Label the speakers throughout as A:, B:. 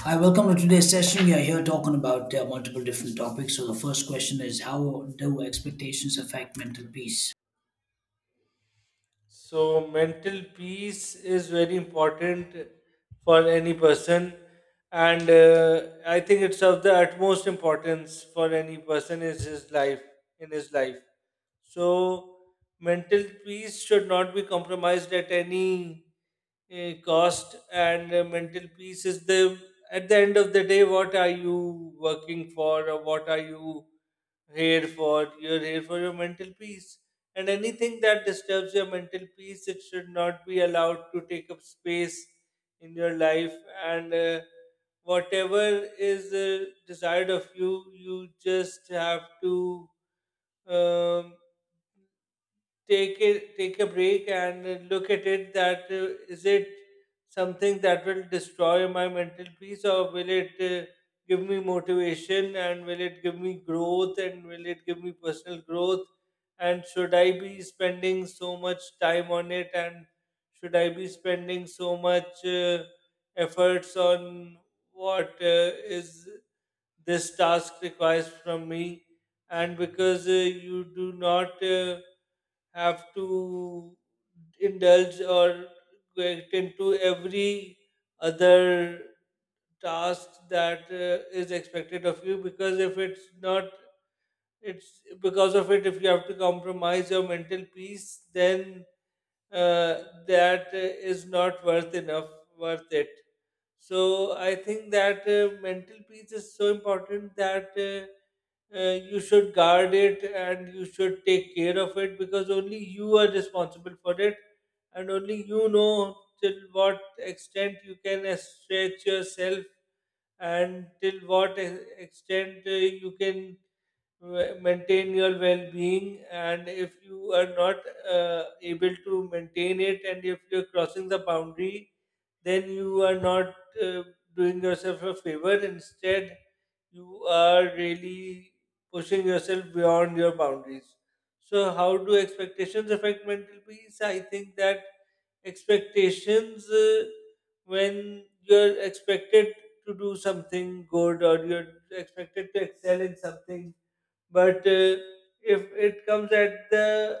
A: Hi, welcome to today's session. We are here talking about multiple different topics. So, the first question is: how do expectations affect mental peace?
B: So mental peace is very important for any person, and I think it's of the utmost importance for any person is his life in his life. So mental peace should not be compromised at any cost, and mental peace is the at the end of the day, what are you working for, or what are you here for you're here for your mental peace, and anything that disturbs your mental peace, it should not be allowed to take up space in your life. And whatever is desired of you, you just have to um, take a break and look at it that is it something that will destroy my mental peace, or will it give me motivation, and will it give me growth, and will it give me personal growth, and should I be spending so much time on it, and should I be spending so much efforts on what is this task requires from me. And because you do not have to indulge or get into every other task that is expected of you, because if it's not, it's because of it, if you have to compromise your mental peace, then that is not worth it. So I think that mental peace is so important that you should guard it and you should take care of it, because only you are responsible for it, and only you know till what extent you can stretch yourself, and till what extent you can maintain your well-being. And if you are not able to maintain it, and if you're crossing the boundary, then you are not uh, doing yourself a favor. Instead, you are really pushing yourself beyond your boundaries. So how do expectations affect mental peace? I think that expectations, when you're expected to do something good, or you're expected to excel in something, but if it comes at the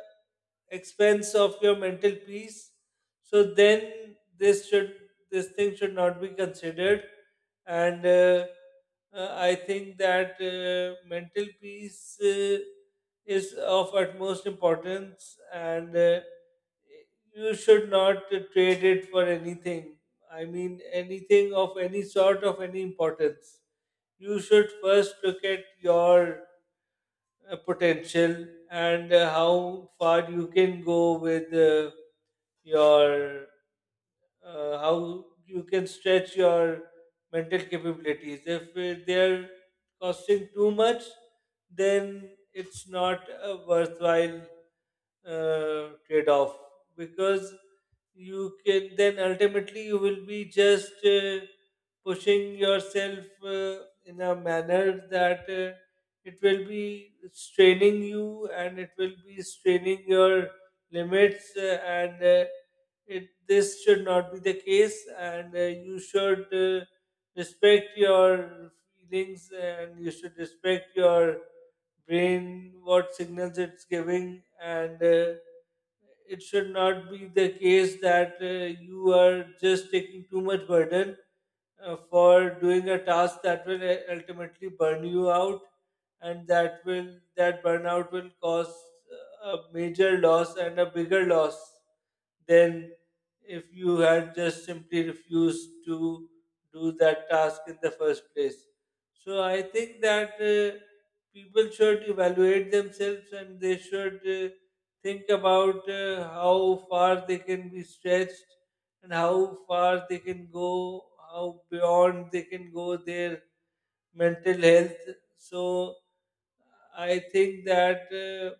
B: expense of your mental peace, so then this thing should not be considered. And I think that mental peace is of utmost importance, and you should not trade it for anything. I mean, anything of any sort, of any importance. You should first look at your potential and how far you can go with your how you can stretch your mental capabilities. If they're costing too much, then it's not a worthwhile trade off because you can then ultimately you will be just pushing yourself in a manner that it will be straining you, and it will be straining your limits. And it This should not be the case, and you should respect your feelings, and you should respect your brain, what signals it's giving. And it should not be the case that you are just taking too much burden for doing a task that will ultimately burn you out, and that burnout will cause a major loss and a bigger loss then if you had just simply refused to do that task in the first place. So I think that people should evaluate themselves, and they should think about how far they can be stretched, and how far they can go, how beyond they can go their mental health. So I think that.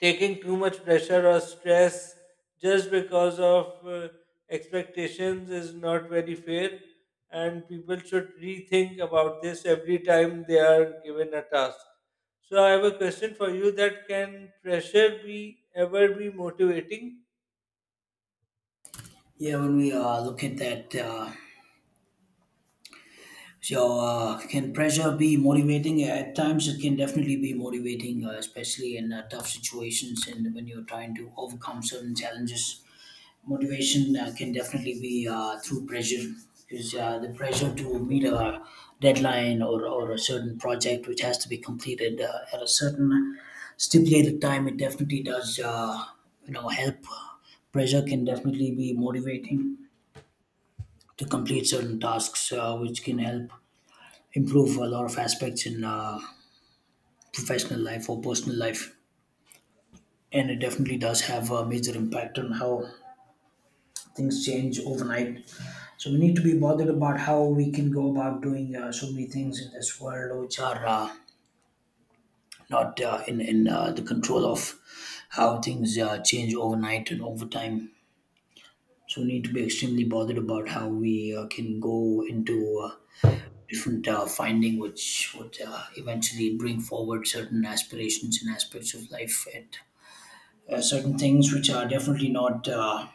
B: Taking too much pressure or stress just because of expectations is not very fair, and people should rethink about this every time they are given a task. So I have a question for you: that can pressure be ever be motivating?
A: Yeah, when we look at that, can pressure be motivating? Yeah, at times, it can definitely be motivating, especially in tough situations and when you're trying to overcome certain challenges. Motivation can definitely be through pressure, because the pressure to meet a deadline or a certain project which has to be completed at a certain stipulated time, it definitely does help. Pressure can definitely be motivating to complete certain tasks which can help improve a lot of aspects in professional life or personal life, and it definitely does have a major impact on how things change overnight. So we need to be bothered about how we can go about doing so many things in this world which are not in in the control of how things change overnight and over time. So we need to be extremely bothered about how we can go into uh, different finding which would eventually bring forward certain aspirations and aspects of life at certain things which are definitely not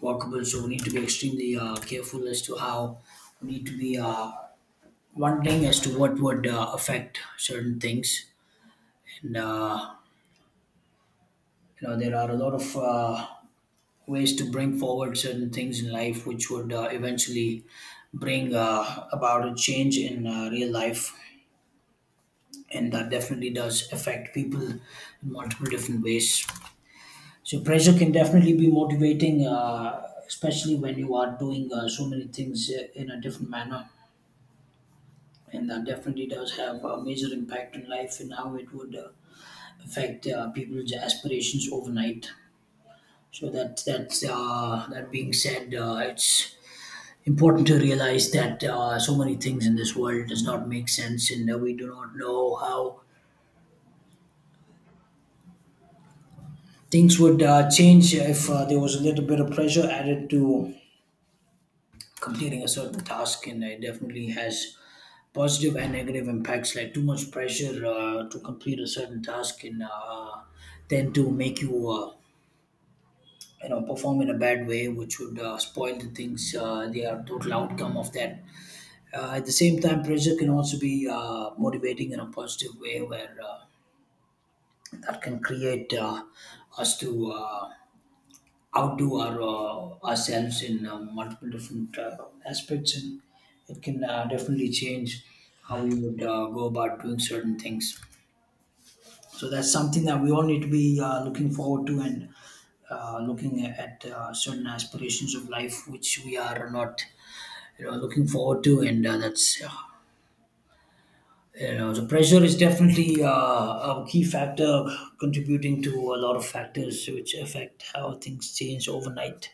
A: workable. So we need to be extremely careful as to how we need to be wondering as to what would affect certain things, and you know, there are a lot of ways to bring forward certain things in life which would eventually bring about a change in real life, and that definitely does affect people in multiple different ways. So pressure can definitely be motivating, especially when you are doing so many things in a different manner, and that definitely does have a major impact in life and how it would affect people's aspirations overnight. So that being said, it's important to realize that so many things in this world does not make sense, and we do not know how things would change if there was a little bit of pressure added to completing a certain task, and it definitely has positive and negative impacts, like too much pressure to complete a certain task and then to make you you know perform in a bad way, which would spoil the total outcome of that. At the same time, pressure can also be motivating in a positive way, where that can create us to outdo ourselves in multiple different aspects, and it can definitely change how we would go about doing certain things. So that's something that we all need to be looking forward to, and looking at certain aspirations of life which we are not, you know, looking forward to. And you know, the pressure is definitely a key factor contributing to a lot of factors which affect how things change overnight.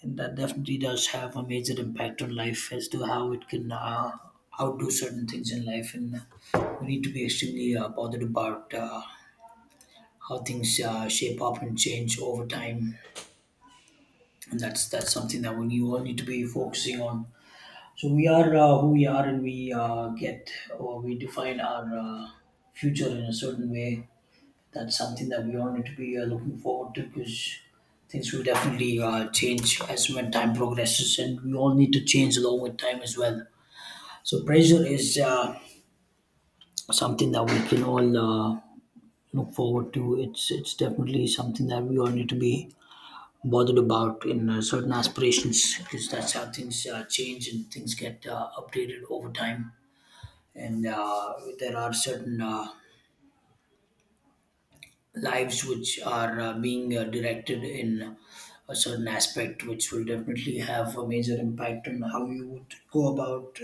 A: And that definitely does have a major impact on life as to how it can outdo certain things in life. And we need to be extremely bothered about how things shape up and change over time, and that's something that we all need to be focusing on. So we are who we are, and we get, or we define our future in a certain way. That's something that we all need to be looking forward to, because things will definitely change as when time progresses, and we all need to change along with time as well. So pressure is something that we can all uh, look forward to. It's definitely something that we all need to be bothered about in certain aspirations, because that's how things change and things get updated over time. And there are certain lives which are being directed in a certain aspect, which will definitely have a major impact on how you would go about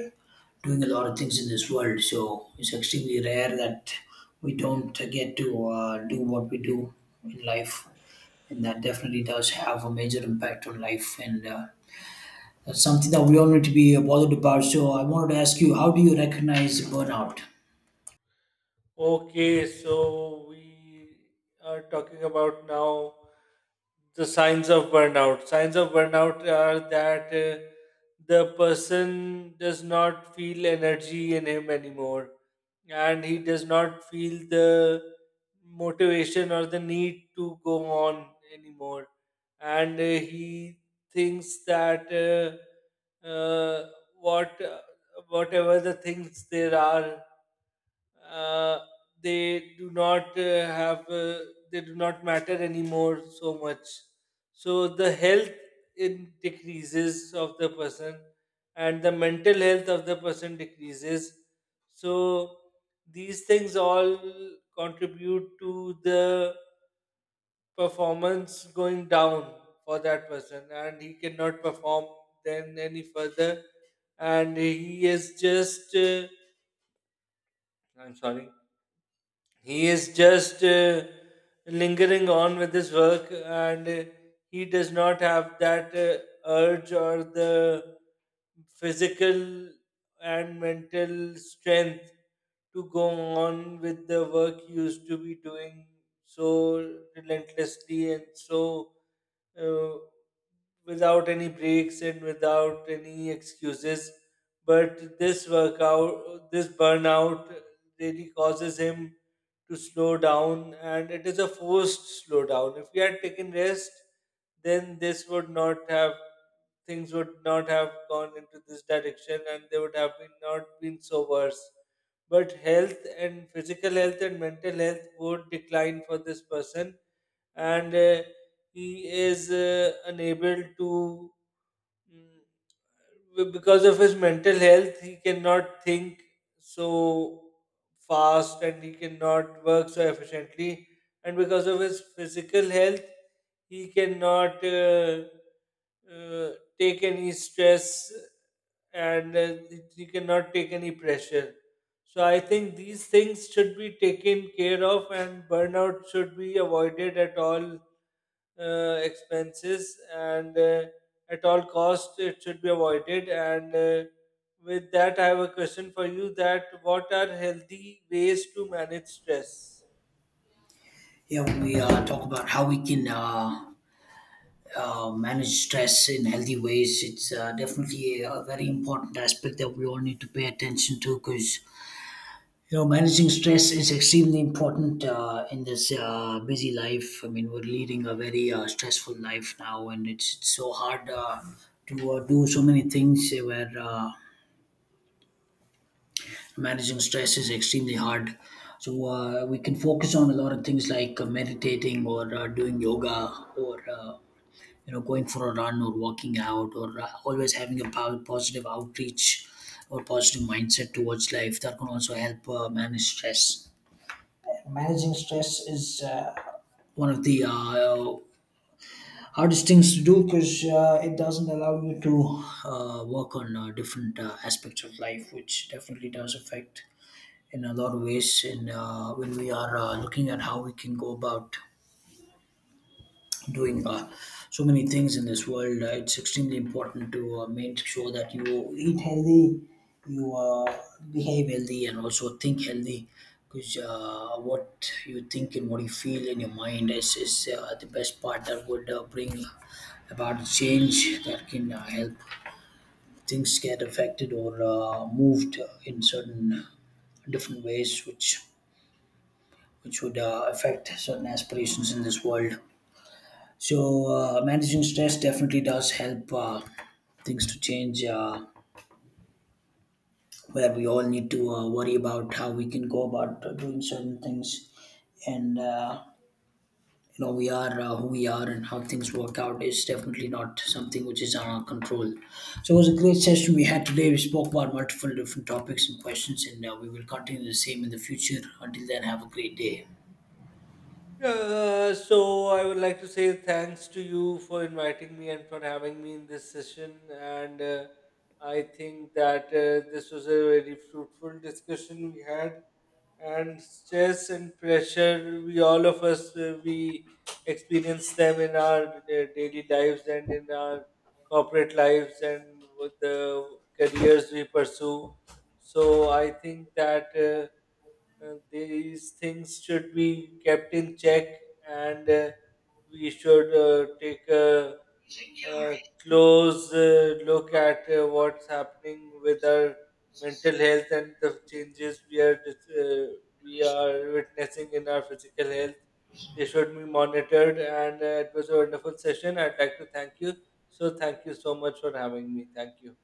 A: doing a lot of things in this world. So it's extremely rare that we don't get to do what we do in life, and that definitely does have a major impact on life, and that's something that we all need to be bothered about. So I wanted to ask you, how do you recognize burnout?
B: Okay, so we are talking about now the signs of burnout. Signs of burnout are that the person does not feel energy in him anymore, and he does not feel the motivation or the need to go on anymore. And he thinks that what whatever the things there are, uh, they do not have they do not matter anymore so much. So the health in decreases of the person, and the mental health of the person decreases. So these things all contribute to the performance going down for that person, and he cannot perform then any further, and he is just I'm sorry, he is just lingering on with his work. And he does not have that urge or the physical and mental strength to go on with the work he used to be doing so relentlessly, and so uh, without any breaks and without any excuses. But this workout, this burnout really causes him to slow down, and it is a forced slowdown. If he had taken rest, then this would not have things would not have gone into this direction, and they would have been not been so worse. But health and physical health and mental health would decline for this person. And he is unable to mm, because of his mental health, he cannot think so fast, and he cannot work so efficiently. And because of his physical health, he cannot uh, take any stress, and he cannot take any pressure. So I think these things should be taken care of, and burnout should be avoided at all expenses, and at all cost it should be avoided. And with that, I have a question for you: that what are healthy ways to manage stress?
A: Yeah, when we talk about how we can manage stress in healthy ways, it's definitely a very important aspect that we all need to pay attention to, because you know managing stress is extremely important in this busy life. I mean, we're leading a very stressful life now, and it's so hard to do so many things where. Managing stress is extremely hard. So we can focus on a lot of things, like meditating or doing yoga or you know going for a run or walking out, or always having a positive outreach or positive mindset towards life. That can also help manage stress. Managing stress is one of the hardest things to do, because it doesn't allow you to work on different aspects of life, which definitely does affect in a lot of ways. And when we are looking at how we can go about doing so many things in this world, it's extremely important to make sure that you eat healthy, you behave healthy, and also think healthy, because what you think and what you feel in your mind is the best part that would bring about change that can help things get affected or moved in certain different ways, which would affect certain aspirations in this world. So, managing stress definitely does help things to change, where we all need to worry about how we can go about doing certain things. And, you know, we are who we are, and how things work out is definitely not something which is on our control. So, it was a great session we had today. We spoke about multiple different topics and questions, and we will continue the same in the future. Until then, have a great day.
B: So I would like to say thanks to you for inviting me and for having me in this session. And I think that this was a very fruitful discussion we had. And stress and pressure, we all of us we experience them in our daily lives and in our corporate lives and with the careers we pursue. So I think that. And these things should be kept in check, and we should take a, uh, close look at what's happening with our mental health, and the changes we are we are witnessing in our physical health, they should be monitored. And it was a wonderful session. I'd like to thank you. So thank you so much for having me. Thank you.